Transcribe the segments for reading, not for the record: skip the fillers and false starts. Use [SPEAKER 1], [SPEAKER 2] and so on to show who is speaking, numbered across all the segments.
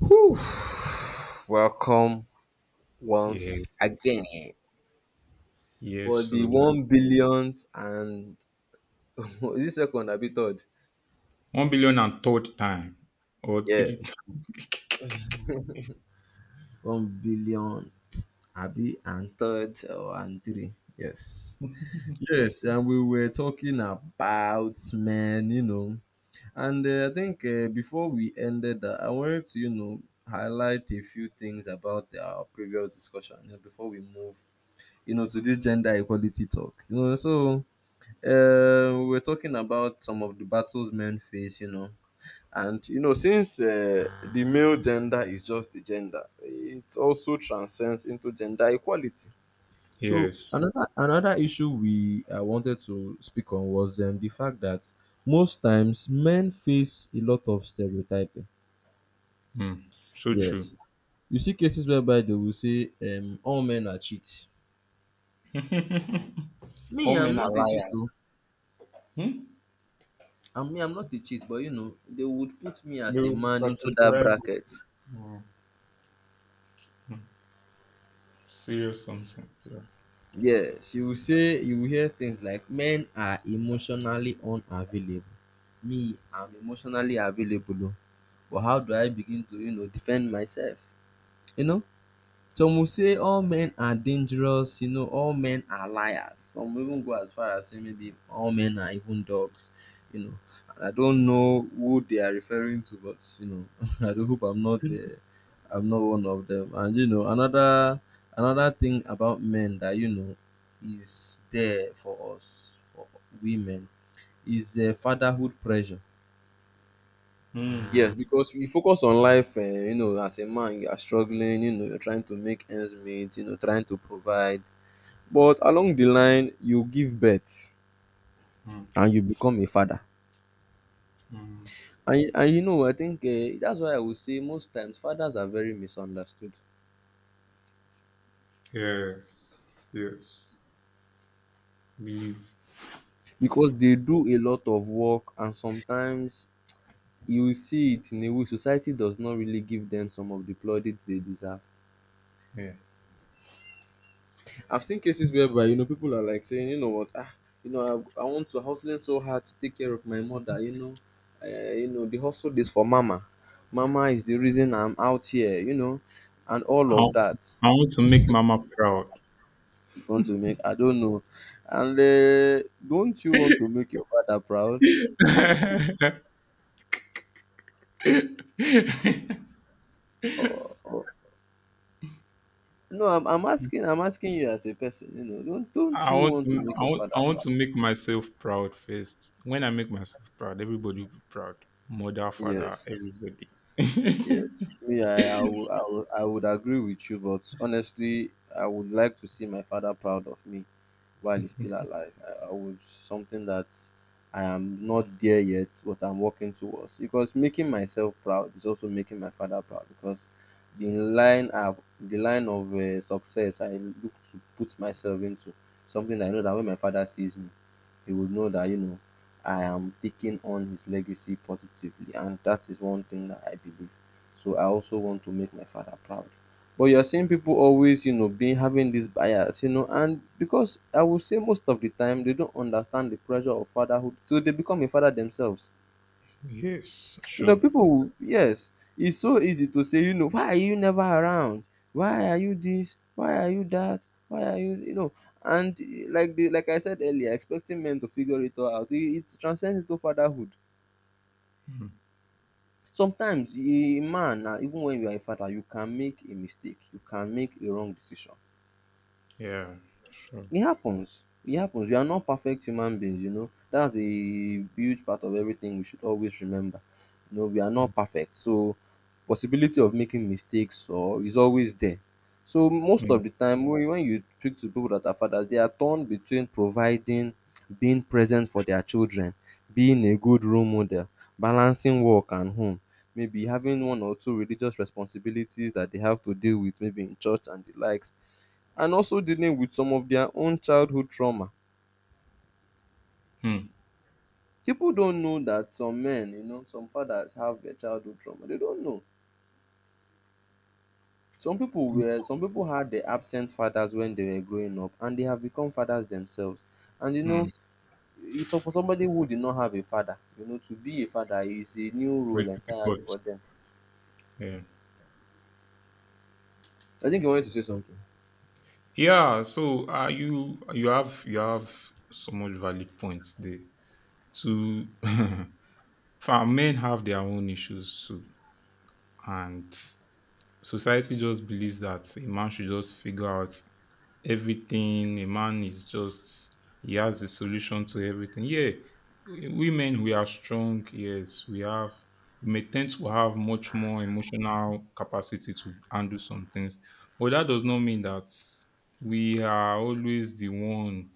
[SPEAKER 1] Whew, welcome
[SPEAKER 2] Yeah,
[SPEAKER 1] once again
[SPEAKER 2] yes.
[SPEAKER 1] for the
[SPEAKER 2] So
[SPEAKER 1] one billionth and is it second abi third?
[SPEAKER 2] 1 billion and third time or
[SPEAKER 1] Yeah,
[SPEAKER 2] three times.
[SPEAKER 1] 1 billion abi and third or and three. Yes, yes, and we were talking about men, you know, and I think before we ended that, I wanted to highlight a few things about our previous discussion, before we move to this gender equality talk. We were talking about some of the battles men face, you know, and since the male gender is just a gender, it also transcends into gender equality. So
[SPEAKER 2] Yes.
[SPEAKER 1] another issue we wanted to speak on was the fact that most times men face a lot of stereotyping.
[SPEAKER 2] Hmm. So true.
[SPEAKER 1] Yes, you see cases whereby they will say all men are cheats. Me,
[SPEAKER 2] All
[SPEAKER 1] I'm
[SPEAKER 2] men are
[SPEAKER 1] not a cheat
[SPEAKER 2] liars.
[SPEAKER 1] though.
[SPEAKER 2] Hmm?
[SPEAKER 1] I mean, I'm not a cheat, but they would put me
[SPEAKER 2] They
[SPEAKER 1] as a
[SPEAKER 2] will
[SPEAKER 1] man into that
[SPEAKER 2] categorize you.
[SPEAKER 1] bracket.
[SPEAKER 2] Hmm. Hmm. Serious something. Yeah.
[SPEAKER 1] Yes, you will hear things like men are emotionally unavailable. Me, I'm emotionally available, oh, but how do I begin to defend myself? You know, some will say all men are dangerous, all men are liars. Some will even go as far as saying maybe all men are even dogs, you know. And I don't know who they are referring to, but I do hope I'm not one of them. And another thing about men that is there for us for women is fatherhood pressure.
[SPEAKER 2] Hmm.
[SPEAKER 1] Yes, because we focus on life, as a man, you are struggling, you're trying to make ends meet, trying to provide. But along the line, you give birth
[SPEAKER 2] Hmm.
[SPEAKER 1] and you become a father.
[SPEAKER 2] Hmm.
[SPEAKER 1] And I think that's why I would say most times fathers are very misunderstood
[SPEAKER 2] Yes. Yes. Believe.
[SPEAKER 1] because they do a lot of work, and sometimes you will see it in a way society does not really give them some of the plaudits they deserve.
[SPEAKER 2] Yeah.
[SPEAKER 1] I've seen cases whereby people are like saying, you know what, I want to hustling so hard to take care of my mother. The hustle is for mama. Mama is the reason I'm out here. And all
[SPEAKER 2] I,
[SPEAKER 1] of that.
[SPEAKER 2] I want to make Mama proud.
[SPEAKER 1] You want to make? I don't know. And don't you want to make your father proud? Or no, I'm asking. I'm asking you as a person. Don't
[SPEAKER 2] I
[SPEAKER 1] you
[SPEAKER 2] want
[SPEAKER 1] want
[SPEAKER 2] to
[SPEAKER 1] to make
[SPEAKER 2] I
[SPEAKER 1] your
[SPEAKER 2] want,
[SPEAKER 1] father
[SPEAKER 2] I want
[SPEAKER 1] proud?
[SPEAKER 2] to make myself proud first. When I make myself proud, everybody will be proud. Mother, father,
[SPEAKER 1] Yes.
[SPEAKER 2] everybody.
[SPEAKER 1] Yes, me, I would agree with you, but honestly, I would like to see my father proud of me while he's still alive. I would something that I am not there yet, but I'm working towards. Because making myself proud is also making my father proud. Because the line of success I look to put myself into something I know that when my father sees me, he would know that I am taking on his legacy positively, and that is one thing that I believe. So I also want to make my father proud. But you're seeing people always, being having this bias, and because I will say most of the time they don't understand the pressure of fatherhood, so they become a father themselves.
[SPEAKER 2] Yes, sure.
[SPEAKER 1] People, yes, it's so easy to say, why are you never around? Why are you this? Why are you that? Why are you, you know? And like the like I said earlier, expecting men to figure it all out, it transcends into fatherhood.
[SPEAKER 2] Mm,
[SPEAKER 1] Sometimes, a man, even when you are a father, you can make a mistake. You can make a wrong decision.
[SPEAKER 2] Yeah, sure.
[SPEAKER 1] It happens. It happens. We are not perfect human beings. That's a huge part of everything we should always remember. We are
[SPEAKER 2] Mm,
[SPEAKER 1] not perfect. So possibility of making mistakes or is always there. So most
[SPEAKER 2] mm,
[SPEAKER 1] of the time when you speak to people that are fathers, they are torn between providing, being present for their children, being a good role model, balancing work and home, maybe having one or two religious responsibilities that they have to deal with, maybe in church and the likes and also dealing with some of their own childhood trauma.
[SPEAKER 2] mm,
[SPEAKER 1] People don't know that some some fathers have their childhood trauma. They don't know. Some people had their absent fathers when they were growing up, and they have become fathers themselves. And
[SPEAKER 2] mm.
[SPEAKER 1] it's so for somebody who did not have a father, to be a father is a new
[SPEAKER 2] Very
[SPEAKER 1] role entirely
[SPEAKER 2] difficult.
[SPEAKER 1] for them.
[SPEAKER 2] Yeah.
[SPEAKER 1] I think you wanted to say something.
[SPEAKER 2] Yeah, so you have so much valid points there. So for men have their own issues too, and society just believes that a man should just figure out everything. A man is just he has the solution to everything. Yeah, women we are strong. Yes, we may tend to have much more emotional capacity to handle some things, but that does not mean that we are always the one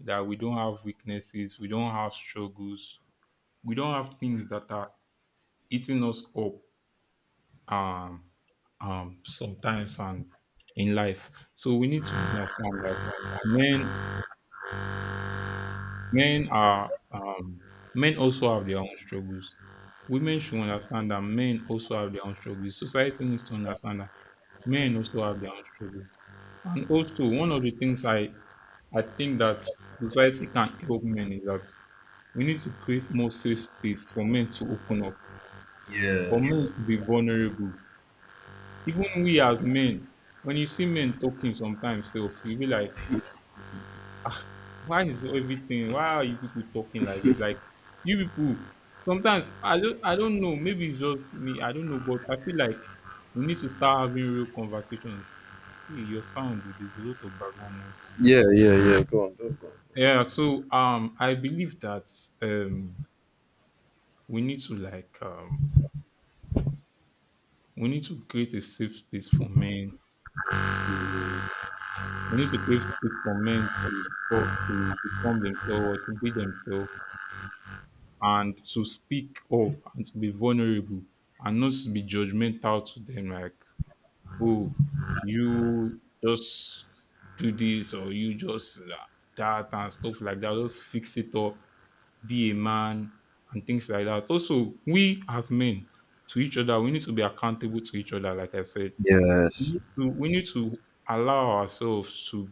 [SPEAKER 2] that we don't have weaknesses, we don't have struggles, we don't have things that are eating us up um, sometimes and in life. So we need to understand that men men are um, men also have their own struggles. Women should understand that men also have their own struggles. Society needs to understand that men also have their own struggles. And also one of the things I think that society can help men is that we need to create more safe space for men to open up, for men to be vulnerable. Even we as men, when you see men talking sometimes self, you be like, why is everything, why are you people talking like this? Like you people, sometimes I don't know, maybe it's just me, I don't know, but I feel like we need to start having real conversations. Hey, your sound, dude, there's a lot of background noise.
[SPEAKER 1] Yeah, yeah, yeah. Go on, just go on.
[SPEAKER 2] Yeah, so I believe that um we need to like, we need to create a safe space for men to. We need to create space for men to, to become themselves or to be themselves and to speak up and to be vulnerable, and not to be judgmental to them like, oh, you just do this or you just that and stuff like that. Just fix it up, be a man and things like that. Also, we as men to each other, we need to be accountable to each other, like I said. We
[SPEAKER 1] Yes.
[SPEAKER 2] need to we need to allow ourselves to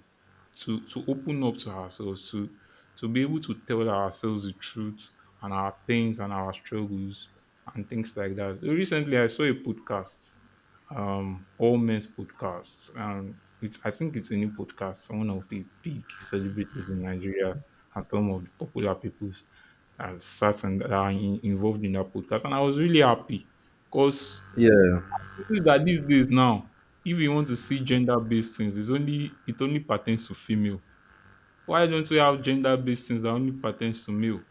[SPEAKER 2] open up to ourselves, to be able to tell ourselves the truth and our pains and our struggles and things like that. Recently, I saw a podcast, All Men's Podcast, and it's I think it's a new podcast. One of the big celebrities in Nigeria and some of the popular peoples are sat and are involved in that podcast, and I was really happy because
[SPEAKER 1] Yeah.
[SPEAKER 2] notice that these days now, if you want to see gender-based things, it only pertains to female. Why don't we have gender-based things that only pertains to male?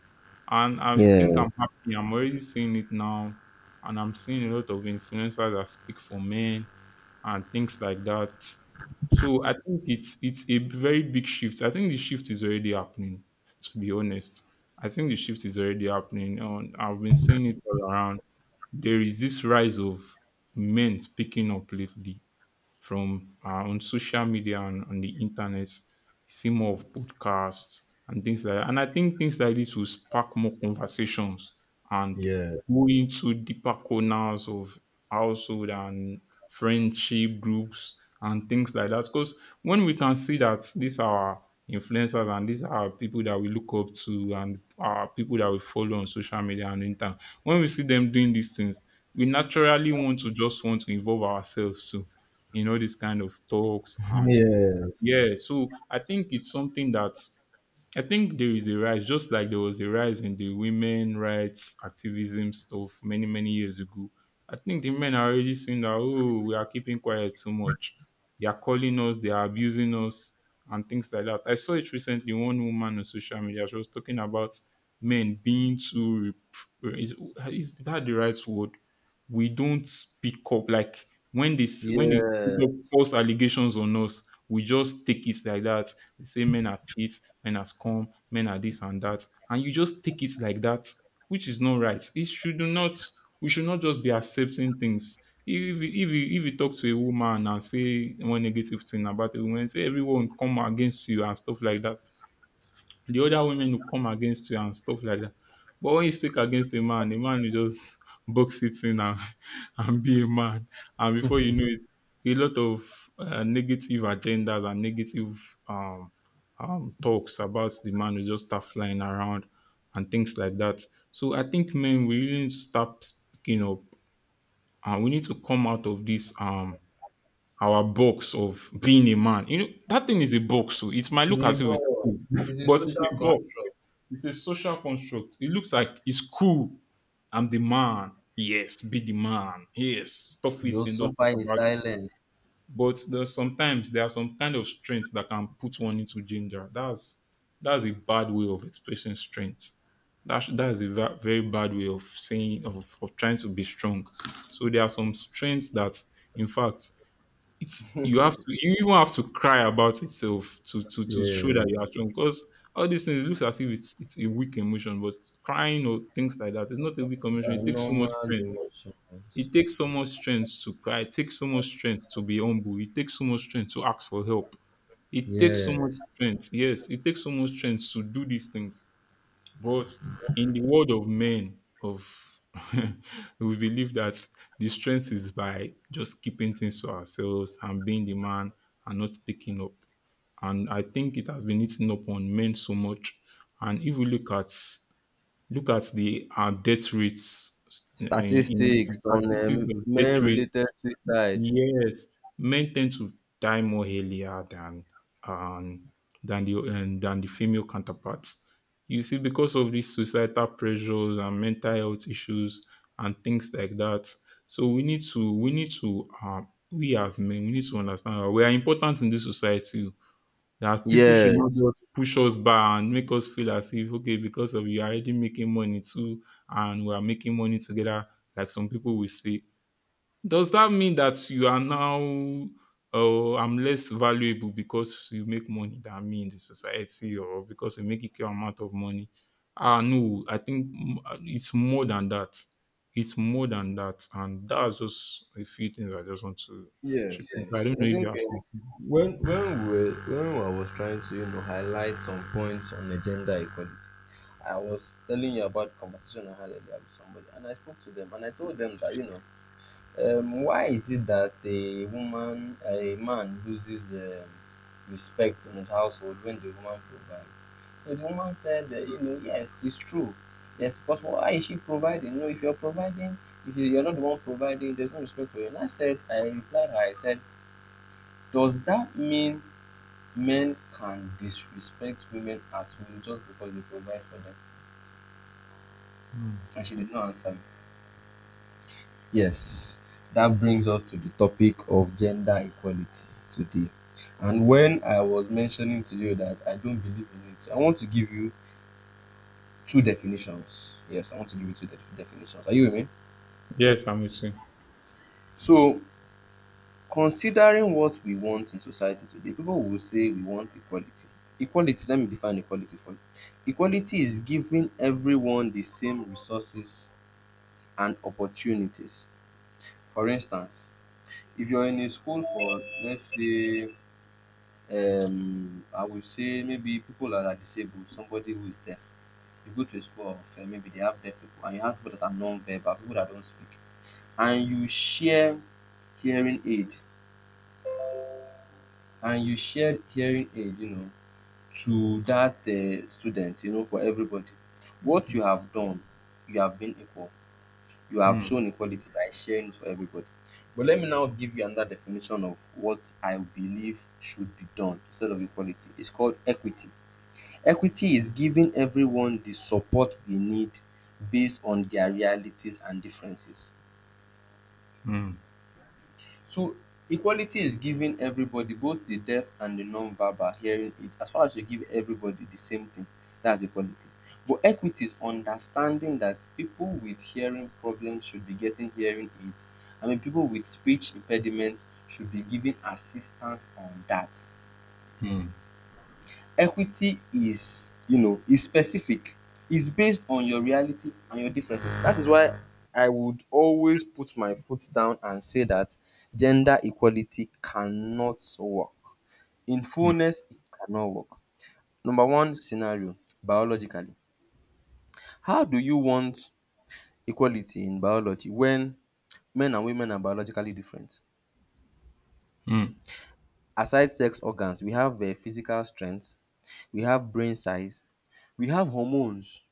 [SPEAKER 2] And I think
[SPEAKER 1] Yeah.
[SPEAKER 2] I'm happy. I'm already seeing it now, and I'm seeing a lot of influencers that speak for men and things like that. So I think it's a very big shift. I think the shift is already happening. To be honest, I think the shift is already happening. On I've been seeing it all around. There is this rise of men speaking up lately, from our own social media and on the internet, see more of podcasts and things like that. And I think things like this will spark more conversations and
[SPEAKER 1] Yeah.
[SPEAKER 2] go into deeper corners of household and friendship groups and things like that. Because when we can see that these are influencers and these are people that we look up to and are people that we follow on social media and internet, when we see them doing these things, we naturally want to just want to involve ourselves too in all these kind of talks, and
[SPEAKER 1] Yes.
[SPEAKER 2] yeah, so I think it's something that I think there is a rise, just like there was a rise in the women rights activism stuff many, many years ago. I think the men are already seeing that, oh, we are keeping quiet too much. They are calling us, they are abusing us, and things like that. I saw it recently, one woman on social media, she was talking about men being too, rep- is, is that the right word? We don't speak up. Like when they
[SPEAKER 1] Yes.
[SPEAKER 2] put up false allegations on us, we just take it like that. They say men are cheats, men are scum, men are this and that. And you just take it like that, which is not right. It should not, we should not just be accepting things. If you talk to a woman and say one negative thing about a woman, say everyone come against you and stuff like that, the other women will come against you and stuff like that. But when you speak against a man will just box it in, and be a man. And before you know it, a lot of negative agendas and negative talks about the man will just start flying around and things like that. So I think men, we really need to start speaking up, and we need to come out of this our box of being a man. You know, that thing is a box, so it might look
[SPEAKER 1] It's a
[SPEAKER 2] as if it's
[SPEAKER 1] bond.
[SPEAKER 2] cool,
[SPEAKER 1] A
[SPEAKER 2] but it's
[SPEAKER 1] social
[SPEAKER 2] a box,
[SPEAKER 1] construct.
[SPEAKER 2] it's a social construct. It looks like it's cool. I'm the man. Yes, be the man. Yes, stuff it
[SPEAKER 1] Those
[SPEAKER 2] and don't
[SPEAKER 1] suffer
[SPEAKER 2] talk
[SPEAKER 1] in
[SPEAKER 2] about it.
[SPEAKER 1] silence.
[SPEAKER 2] But there's sometimes there are some kind of strengths that can put one into danger. That's a bad way of expressing strength. That's a very bad way of saying of trying to be strong. So there are some strengths that, in fact, it's you have to you even have to cry about itself to show that
[SPEAKER 1] Yeah.
[SPEAKER 2] you are strong, because all these things it looks as if it's a weak emotion, but crying or things like that is not a weak emotion.
[SPEAKER 1] Are
[SPEAKER 2] It takes so much
[SPEAKER 1] normal
[SPEAKER 2] strength.
[SPEAKER 1] emotions.
[SPEAKER 2] It takes so much strength to cry. It takes so much strength to be humble. It takes so much strength to ask for help. It takes so much
[SPEAKER 1] Yes.
[SPEAKER 2] strength. Yes, it takes so much strength to do these things, but in the world of men, of we believe that the strength is by just keeping things to ourselves and being the man and not speaking up. And I think it has been eating up on men so much. And if we look at the our death rates, in
[SPEAKER 1] Statistics on
[SPEAKER 2] statistics of death
[SPEAKER 1] men
[SPEAKER 2] rates.
[SPEAKER 1] related suicide.
[SPEAKER 2] Yes, men tend to die more earlier than um, than the female counterparts. You see, because of these societal pressures and mental health issues and things like that. So we need to we as men, we need to understand that we are important in this society. That people should not
[SPEAKER 1] Yes,
[SPEAKER 2] just push us back and make us feel as if, okay, because of you are already making money too and we are making money together, like some people will say, does that mean that you are now, oh, I'm less valuable because you make money than me in the society, or because you make a equal amount of money? Ah, no, I think it's more than that. It's more than that, and that's just a few things I just want to chip
[SPEAKER 1] yes,
[SPEAKER 2] in. I
[SPEAKER 1] yes.
[SPEAKER 2] don't
[SPEAKER 1] I
[SPEAKER 2] know if you
[SPEAKER 1] think
[SPEAKER 2] have something.
[SPEAKER 1] when I was trying to highlight some points on the gender equality, I was telling you about conversation I had earlier with somebody, and I spoke to them and I told them that why is it that a man loses respect in his household when the woman provides? So the woman said, yes, it's true. Yes, because why is she providing? If you're providing, if you're not the one providing, there's no respect for you. And I replied her, I said, does that mean men can disrespect women at will just because they provide for them?
[SPEAKER 2] Mm.
[SPEAKER 1] And she did not answer me. Yes, that brings us to the topic of gender equality today. And when I was mentioning to you that I don't believe in it, I want to give you two definitions. Yes, I want to give you two definitions. Are you with me?
[SPEAKER 2] Yes, I'm with you.
[SPEAKER 1] So, considering what we want in society today, people will say we want equality. Equality, let me define equality for you. Equality is giving everyone the same resources and opportunities. For instance, if you're in a school for, let's say, I would say maybe people that are disabled, somebody who is deaf. You go to a school of maybe they have deaf people, and you have people that are non-verbal, people that don't speak, and you share hearing aid, and you share hearing aid, to that student, for everybody. What you have done, you have been equal. You have
[SPEAKER 2] Mm,
[SPEAKER 1] shown equality by sharing it for everybody. But let me now give you another definition of what I believe should be done instead of equality. It's called equity. Equity is giving everyone the support they need based on their realities and differences.
[SPEAKER 2] mm,
[SPEAKER 1] So equality is giving everybody both the deaf and the non-verbal hearing it as far as you give everybody the same thing. That's equality. But equity is understanding that people with hearing problems should be getting hearing aids. I mean, people with speech impediments should be given assistance on that.
[SPEAKER 2] mm,
[SPEAKER 1] Equity is you know is specific. It's based on your reality and your differences. That is why I would always put my foot down and say that gender equality cannot work. In
[SPEAKER 2] mm,
[SPEAKER 1] fullness, it cannot work. Number one scenario, biologically, how do you want equality in biology when men and women are biologically different?
[SPEAKER 2] mm,
[SPEAKER 1] Aside sex organs, we have physical strength, we have brain size, we have hormones.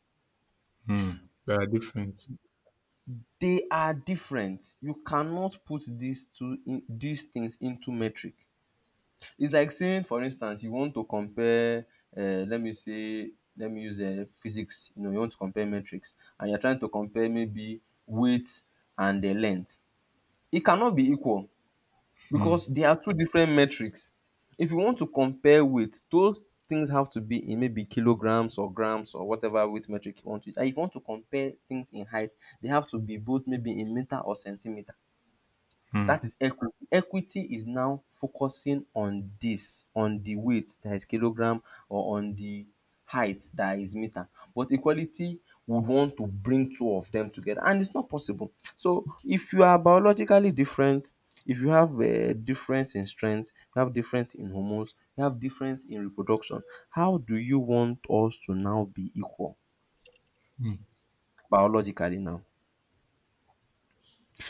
[SPEAKER 2] mm. They are different.
[SPEAKER 1] They are different. You cannot put these two in these things into metric. It's like saying, for instance, you want to uh, let me say, let me use physics. You want to compare metrics, and you're trying to compare maybe weight and the length. It cannot be equal, because
[SPEAKER 2] Mm,
[SPEAKER 1] they are two different metrics. If you want to compare weight, those things have to be in maybe kilograms or grams or whatever weight metric you want to use. And if you want to compare things in height, they have to be both maybe in meter or centimeter.
[SPEAKER 2] mm,
[SPEAKER 1] That is equity. Equity is now focusing on this, on the weight that is kilogram or on the height that is meter. But equality would want to bring two of them together, and it's not possible. So if you are biologically different, if you have a difference in strength, you have difference in hormones, you have difference in reproduction, how do you want us to now be equal
[SPEAKER 2] mm,
[SPEAKER 1] biologically now?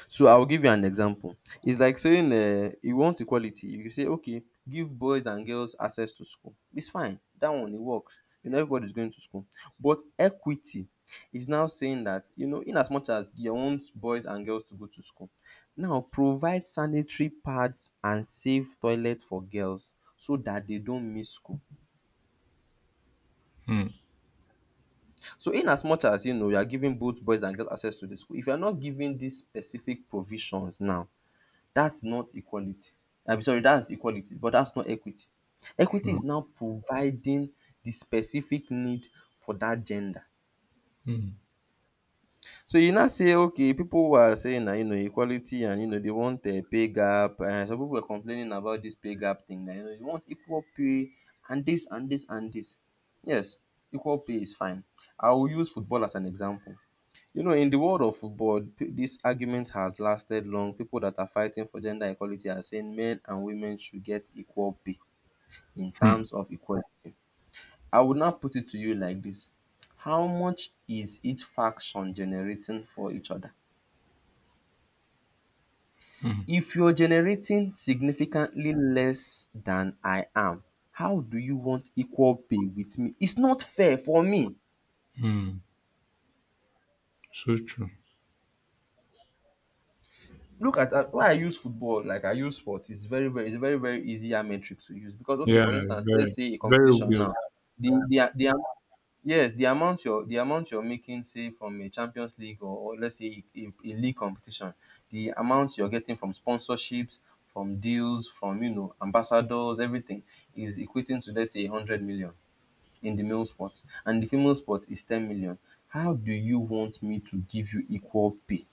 [SPEAKER 1] So I'll give you an example. It's like saying you want equality. You say, okay, give boys and girls access to school. It's fine. That one, it works. You know, everybody's going to school. But equity is now saying that, you know, in as much as you want boys and girls to go to school, now provide sanitary pads and safe toilets for girls so that they don't miss school.
[SPEAKER 2] mm,
[SPEAKER 1] So in as much as, you know, you are giving both boys and girls access to the school, if you are not giving these specific provisions now, that's not equality. I'm sorry, that's equality, but that's not equity. Equity
[SPEAKER 2] mm,
[SPEAKER 1] is now providing the specific need for that gender.
[SPEAKER 2] mm,
[SPEAKER 1] So you now say, okay, people who are saying that, you know, equality, and you know they want a pay gap, and some people are complaining about this pay gap thing. That, you know, you want equal pay and this and this and this. Yes, equal pay is fine. I will use football as an example. You know, in the world of football, this argument has lasted long. People that are fighting for gender equality are saying men and women should get equal pay in
[SPEAKER 2] mm,
[SPEAKER 1] terms of equality. I would now put it to you like this. How much is each faction generating for each other?
[SPEAKER 2] mm.
[SPEAKER 1] If you're generating significantly less than I am, how do you want equal pay with me? It's not fair for me.
[SPEAKER 2] Mm. So true.
[SPEAKER 1] Look at why I use football, like I use sport. It's very, very, it's a very, very easier metric to use because, okay,
[SPEAKER 2] Yeah,
[SPEAKER 1] for instance, let's
[SPEAKER 2] very,
[SPEAKER 1] say a
[SPEAKER 2] very
[SPEAKER 1] competition
[SPEAKER 2] weird.
[SPEAKER 1] now, the the the amou- yes, the amount you're making, say from a Champions League, or let's say a, a league competition, the amount you're getting from sponsorships, from deals, from, you know, ambassadors, everything is equating to, let's say, 100 million in the male sport, and the female sport is 10 million. How do you want me to give you equal pay?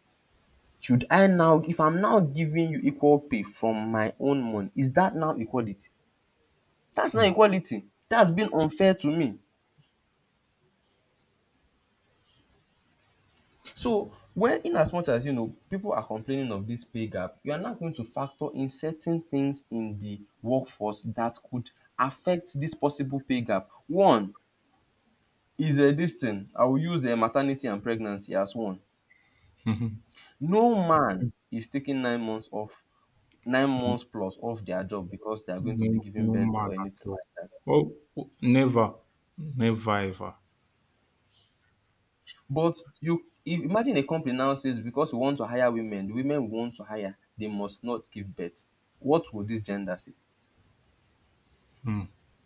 [SPEAKER 1] Should I now, if I'm now giving you equal pay from my own money, is that now equality? That's not
[SPEAKER 2] Hmm,
[SPEAKER 1] equality. That's been unfair to me. So, when in as much as, you know, people are complaining of this pay gap, you are not going to factor in certain things in the workforce that could affect this possible pay gap. One is a this thing, I will use a maternity and pregnancy as one.
[SPEAKER 2] mhm.
[SPEAKER 1] No man is taking 9 months off, 9 months plus off their job because they are going to be
[SPEAKER 2] No,
[SPEAKER 1] giving
[SPEAKER 2] no
[SPEAKER 1] birth
[SPEAKER 2] man
[SPEAKER 1] or
[SPEAKER 2] at
[SPEAKER 1] anything
[SPEAKER 2] all.
[SPEAKER 1] like that.
[SPEAKER 2] Oh, oh, never, never ever.
[SPEAKER 1] But you im imagine a company now says, because we want to hire women, the women we want to hire, they must not give birth. What will this gender say?
[SPEAKER 2] Hmm,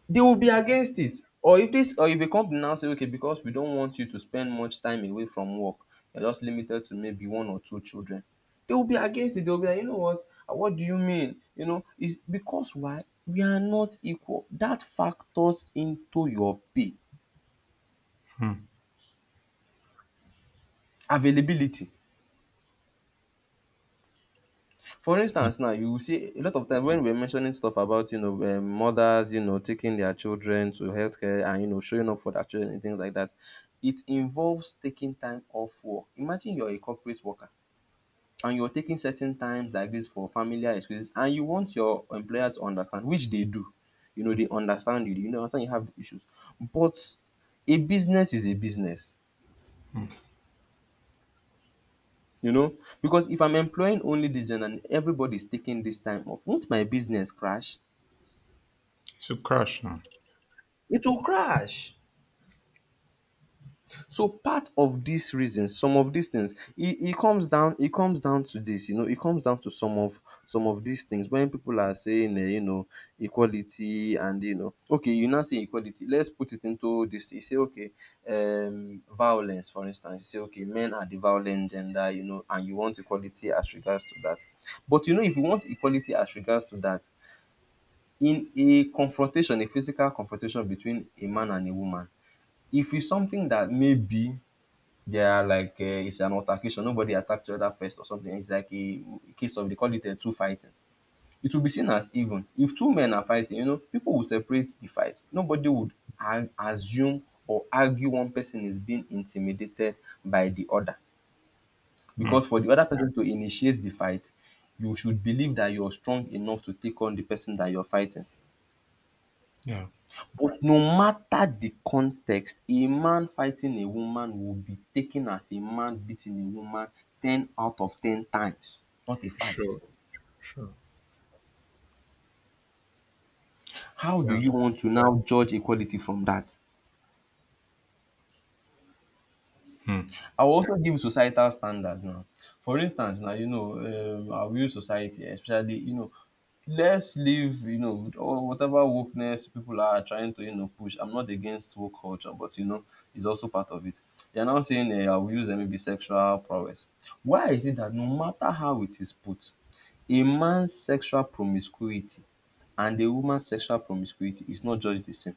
[SPEAKER 1] They will be against it. Or if this, or if a company now say, okay, because we don't want you to spend much time away from work, you're just limited to maybe one or two children, they will be against it. They will be like, you know what, ah, what do you mean? You know, it's because why? We are not equal. That factors into your pay.
[SPEAKER 2] hmm,
[SPEAKER 1] Availability. For instance now, you will see a lot of time when we're mentioning stuff about, you know, mothers, you know, taking their children to healthcare and, you know, showing up for their children and things like that, it involves taking time off work. Imagine you're a corporate worker and you're taking certain times like this for familiar excuses and you want your employer to understand, which they do. You know, they understand you, you know, understand you have the issues. But a business is a business.
[SPEAKER 2] hmm.
[SPEAKER 1] You know, because if I'm employing only this gen and everybody's taking this time off, won't my business crash?
[SPEAKER 2] It's a crash now.
[SPEAKER 1] It will crash. So part of these reasons, some of these things, it comes down, it comes down to this, you know, it comes down to some of these things when people are saying, you know, equality, and you know, okay, you now say equality. Let's put it into this. You say, okay, violence, for instance. You say, okay, men are the violent gender, you know, and you want equality as regards to that. But you know, if you want equality as regards to that, in a confrontation, a physical confrontation between a man and a woman, if it's something that maybe they are like it's an altercation, nobody attacked the other first or something. It's like a case of they call it a two fighting. It will be seen as even. If two men are fighting, you know, people will separate the fight. Nobody would assume or argue one person is being intimidated by the other.
[SPEAKER 2] Hmm,
[SPEAKER 1] Because for the other person to initiate the fight, you should believe that you're strong enough to take on the person that you're fighting.
[SPEAKER 2] yeah,
[SPEAKER 1] But no matter the context, a man fighting a woman will be taken as a man beating a woman ten out of ten times, not a fight.
[SPEAKER 2] sure, sure.
[SPEAKER 1] How do
[SPEAKER 2] Yeah,
[SPEAKER 1] you want to now judge equality from that?
[SPEAKER 2] hmm.
[SPEAKER 1] I will also give societal standards now. For instance, now, you know, our real society, especially, you know, let's live, you know, with all whatever wokeness people are trying to, you know, push. I'm not against woke culture, but you know, it's also part of it. They are now saying I will use maybe sexual prowess. Why is it that no matter how it is put, a man's sexual promiscuity and a woman's sexual promiscuity is not judged the same?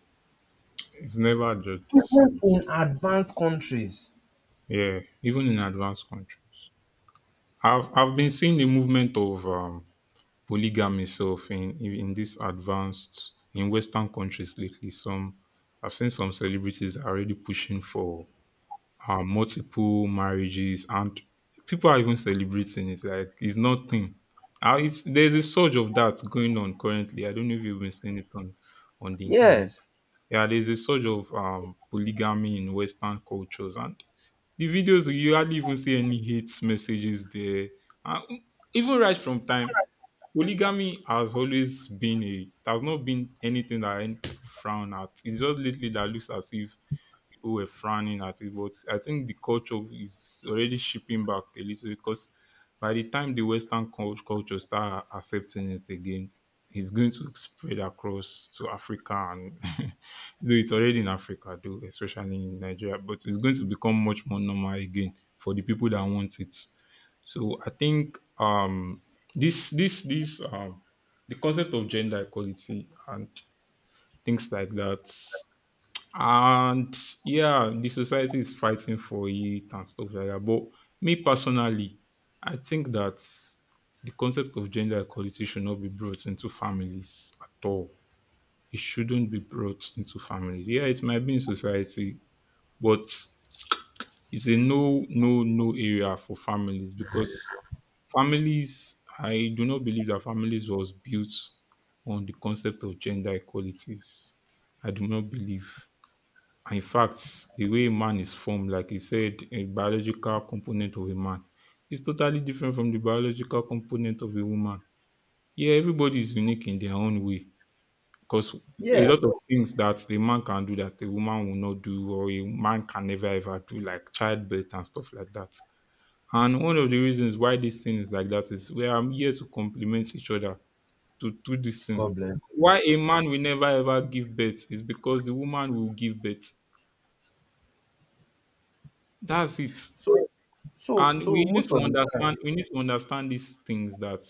[SPEAKER 2] It's never just the
[SPEAKER 1] Even
[SPEAKER 2] same.
[SPEAKER 1] in advanced countries,
[SPEAKER 2] Yeah, even in advanced countries, I've been seeing the movement of polygamy itself in this advanced in Western countries lately. Some I've seen some celebrities are already pushing for multiple marriages, and people are even celebrating it. Like it's nothing. There's a surge of that going on currently. I don't know if you've been seeing it on the internet.
[SPEAKER 1] yes.
[SPEAKER 2] Yeah, there's a surge of polygamy in Western cultures, and the videos, you hardly even see any hate messages there. Uh, Even right from time, polygamy has always been a it has not been anything that any people frown at. It's just lately that looks as if people were frowning at it. But I think the culture is already shipping back a little because by the time the Western culture start accepting it again, it's going to spread across to Africa and though it's already in Africa though, especially in Nigeria, but it's going to become much more normal again for the people that want it. So I think this this this the concept of gender equality and things like that and yeah, the society is fighting for it and stuff like that, but me personally, I think that the concept of gender equality should not be brought into families at all. It shouldn't be brought into families. Yeah, it might be in society, but it's a no, no, no area for families because families, I do not believe that families was built on the concept of gender equalities. I do not believe. And in fact, the way a man is formed, like you said, a biological component of a man is totally different from the biological component of a woman. Yeah, everybody is unique in their own way because a lot
[SPEAKER 1] Yes.
[SPEAKER 2] of things that a man can do that a woman will not do or a man can never ever do, like childbirth and stuff like that. And one of the reasons why this thing is like that is we are here to complement each other to do this thing.
[SPEAKER 1] God bless.
[SPEAKER 2] Why a man will never ever give birth is because the woman will give birth. That's it.
[SPEAKER 1] So so
[SPEAKER 2] And
[SPEAKER 1] so most of the
[SPEAKER 2] we need to understand these things that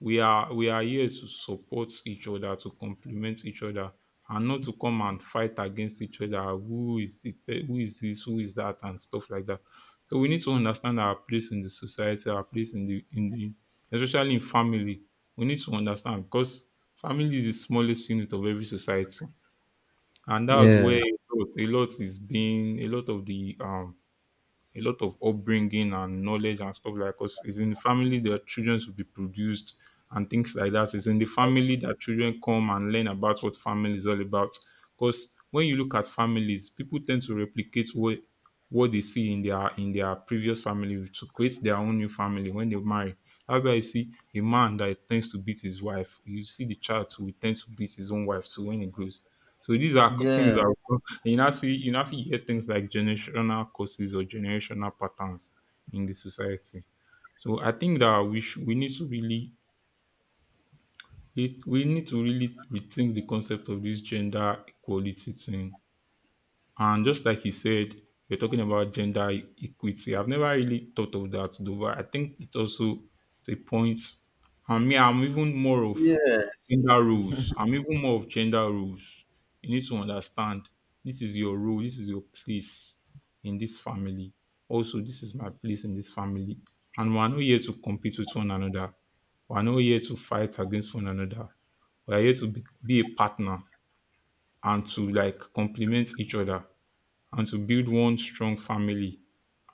[SPEAKER 2] we are here to support each other, to complement each other, and not to come and fight against each other, who is who is this, who is that, and stuff like that. So we need to understand our place in the society, our place in the, especially in family, we need to understand because family is the smallest unit of every society. And that's where
[SPEAKER 1] Yes.
[SPEAKER 2] a lot of the a lot of upbringing and knowledge and stuff like us. It's in the family that children will be produced and things like that. It's in the family that children come and learn about what family is all about. Because when you look at families, people tend to replicate what they see in their previous family to create their own new family when they marry. That's why you see a man that tends to beat his wife. You see the child who tends to beat his own wife too when he grows. So these are things
[SPEAKER 1] Yeah,
[SPEAKER 2] that, and you now see you hear things like generational causes or generational patterns in the society. So I think that we need to really, we need to really rethink the concept of this gender equality thing. And just like you said, you're talking about gender equity. I've never really thought of that though, but I think it's also the point. And me, I'm even more of
[SPEAKER 1] yeah,
[SPEAKER 2] gender rules. I'm even more of gender rules. You need to understand, this is your role, this is your place in this family. Also, this is my place in this family. And we're not here to compete with one another. We're not here to fight against one another. We're here to be a partner and to like complement each other and to build one strong family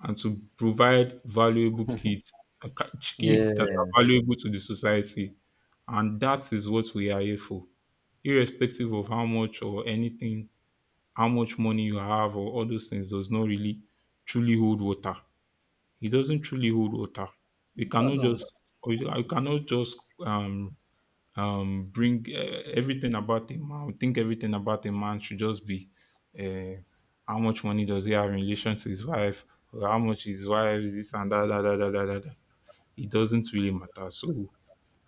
[SPEAKER 2] and to provide valuable kids, kids
[SPEAKER 1] yeah.
[SPEAKER 2] that
[SPEAKER 1] It
[SPEAKER 2] are valuable to the society. And that is what we are here for, irrespective of how much or anything, how much money you have, or all those things does not really truly hold water. It doesn't truly hold water. We cannot just,
[SPEAKER 1] doesn't.
[SPEAKER 2] we I cannot just bring everything about a man should just be uh, how much money does he have in relation to his wife or how much his wife is this and that. It doesn't really matter. So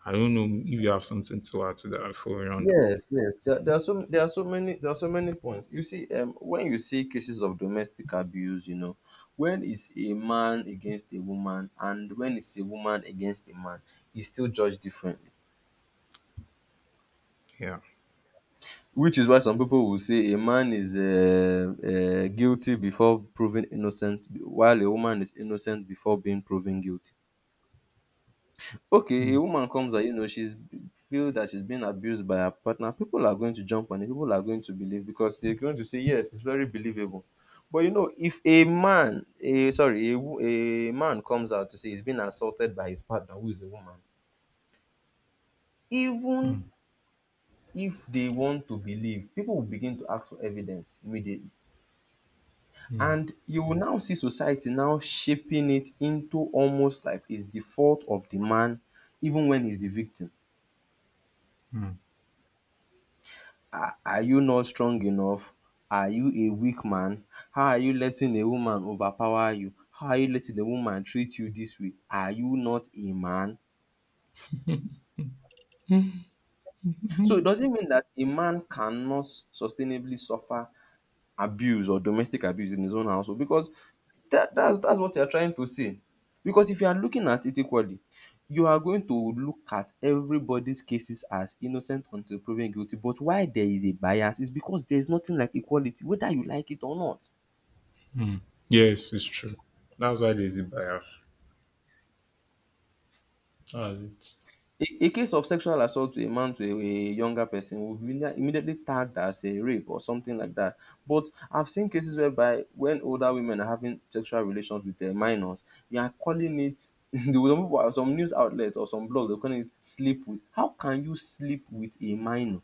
[SPEAKER 2] I don't know if you have something to add to that before round.
[SPEAKER 1] Yes, yes. There are so, there are so many, there are so many points. You see, when you see cases of domestic abuse, you know, when it's a man against a woman and when it's a woman against a man, it's still judged differently.
[SPEAKER 2] Yeah.
[SPEAKER 1] Which is why some people will say a man is guilty before proven innocent, while a woman is innocent before being proven guilty. Okay, a woman comes and, you know, she's feel that she's being abused by her partner, people are going to jump on it, people are going to believe because they're going to say yes, it's very believable. But you know, if a man a sorry, a man comes out to say he's been assaulted by his partner who is a woman,
[SPEAKER 2] Mm,
[SPEAKER 1] even if they want to believe, people will begin to ask for evidence immediately,
[SPEAKER 2] mm,
[SPEAKER 1] and you will now see society now shaping it into almost like it's the fault of the man, even when he's the victim.
[SPEAKER 2] mm,
[SPEAKER 1] Are you not strong enough? Are you a weak man? How are you letting a woman overpower you? How are you letting a woman treat you this way? Are you not a man?
[SPEAKER 2] mm. Mm, mm,
[SPEAKER 1] So it doesn't mean that a man cannot sustainably suffer abuse or domestic abuse in his own household because that's that's what you're trying to say. Because if you are looking at it equally, you are going to look at everybody's cases as innocent until proven guilty. But why there is a bias is because there's nothing like equality, whether you like it or not.
[SPEAKER 2] mm. Yes, it's true. That's why there's a bias. That's it.
[SPEAKER 1] A case of sexual assault to a man to a younger person will be immediately tagged as a rape or something like that. But I've seen cases whereby when older women are having sexual relations with their minors, we are calling it the some people, some news outlets or some blogs are calling it sleep with. How can you sleep with a minor?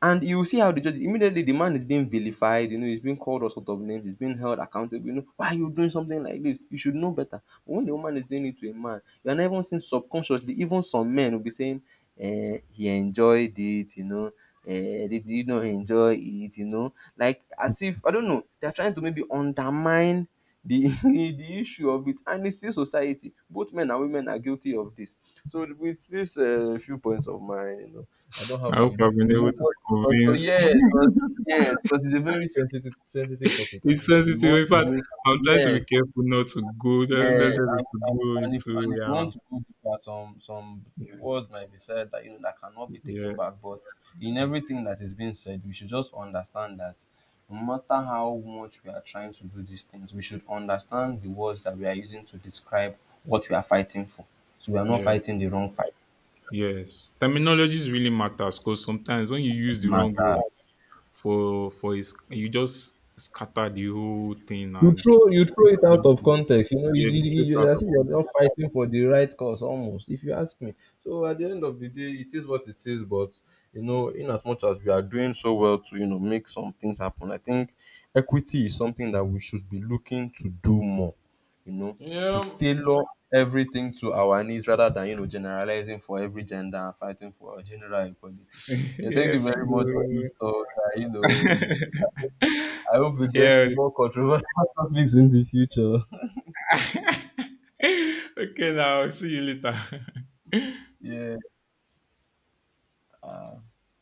[SPEAKER 1] And you see how the judge, immediately the man is being vilified, you know, he's being called all sorts of names, he's being held accountable. You know, why are you doing something like this? You should know better. But when the woman is doing it to a man, you are not even seeing subconsciously, even some men will be saying, eh, he enjoyed it, you know, eh, did you not enjoy it, you know? Like as if I don't know, they're trying to maybe undermine the the issue of it, and it's still society, both men and women are guilty of this. So with this few points of mine, you know, I don't have
[SPEAKER 2] I
[SPEAKER 1] to,
[SPEAKER 2] hope
[SPEAKER 1] you know,
[SPEAKER 2] I've been
[SPEAKER 1] you
[SPEAKER 2] able
[SPEAKER 1] know.
[SPEAKER 2] to
[SPEAKER 1] 'Cause- 'cause-
[SPEAKER 2] convince.
[SPEAKER 1] Yes, because yes, because it's a very sensitive topic, and
[SPEAKER 2] It's
[SPEAKER 1] if you
[SPEAKER 2] sensitive.
[SPEAKER 1] want
[SPEAKER 2] In
[SPEAKER 1] to
[SPEAKER 2] fact,
[SPEAKER 1] go
[SPEAKER 2] I'm trying to be
[SPEAKER 1] yes,
[SPEAKER 2] careful not to go,
[SPEAKER 1] yes,
[SPEAKER 2] not
[SPEAKER 1] and
[SPEAKER 2] to
[SPEAKER 1] and
[SPEAKER 2] go
[SPEAKER 1] and if, and
[SPEAKER 2] into,
[SPEAKER 1] if you want
[SPEAKER 2] yeah,
[SPEAKER 1] to go deeper, some words might be said that, you know, that cannot be
[SPEAKER 2] yeah, yeah,
[SPEAKER 1] taken back. But in everything that is being said, we should just understand that no matter how much we are trying to do these things, we should understand the words that we are using to describe what we are fighting for. So we are not
[SPEAKER 2] yeah,
[SPEAKER 1] fighting the wrong fight.
[SPEAKER 2] yes. Terminologies really matters because sometimes when you use the wrong word for is you just scatter the whole thing
[SPEAKER 1] You
[SPEAKER 2] and
[SPEAKER 1] throw you throw it
[SPEAKER 2] people
[SPEAKER 1] out
[SPEAKER 2] just
[SPEAKER 1] of
[SPEAKER 2] will,
[SPEAKER 1] context. You know,
[SPEAKER 2] yeah, drift out
[SPEAKER 1] as
[SPEAKER 2] of
[SPEAKER 1] if you're not
[SPEAKER 2] it.
[SPEAKER 1] fighting for the right cause almost, if you ask me. So at the end of the day, it is what it is. But you know, in as much as we are doing so well to, you know, make some things happen, I think equity is something that we should be looking to do more, you know, to
[SPEAKER 2] Yeah.
[SPEAKER 1] tailor everything to our needs rather than, you know, generalizing for every gender and fighting for general equality. Yeah, thank you
[SPEAKER 2] Yes.
[SPEAKER 1] very much for this talk. You know, we I hope we get to
[SPEAKER 2] Yes.
[SPEAKER 1] more controversial topics in the future.
[SPEAKER 2] Okay, now see you later.
[SPEAKER 1] Yeah.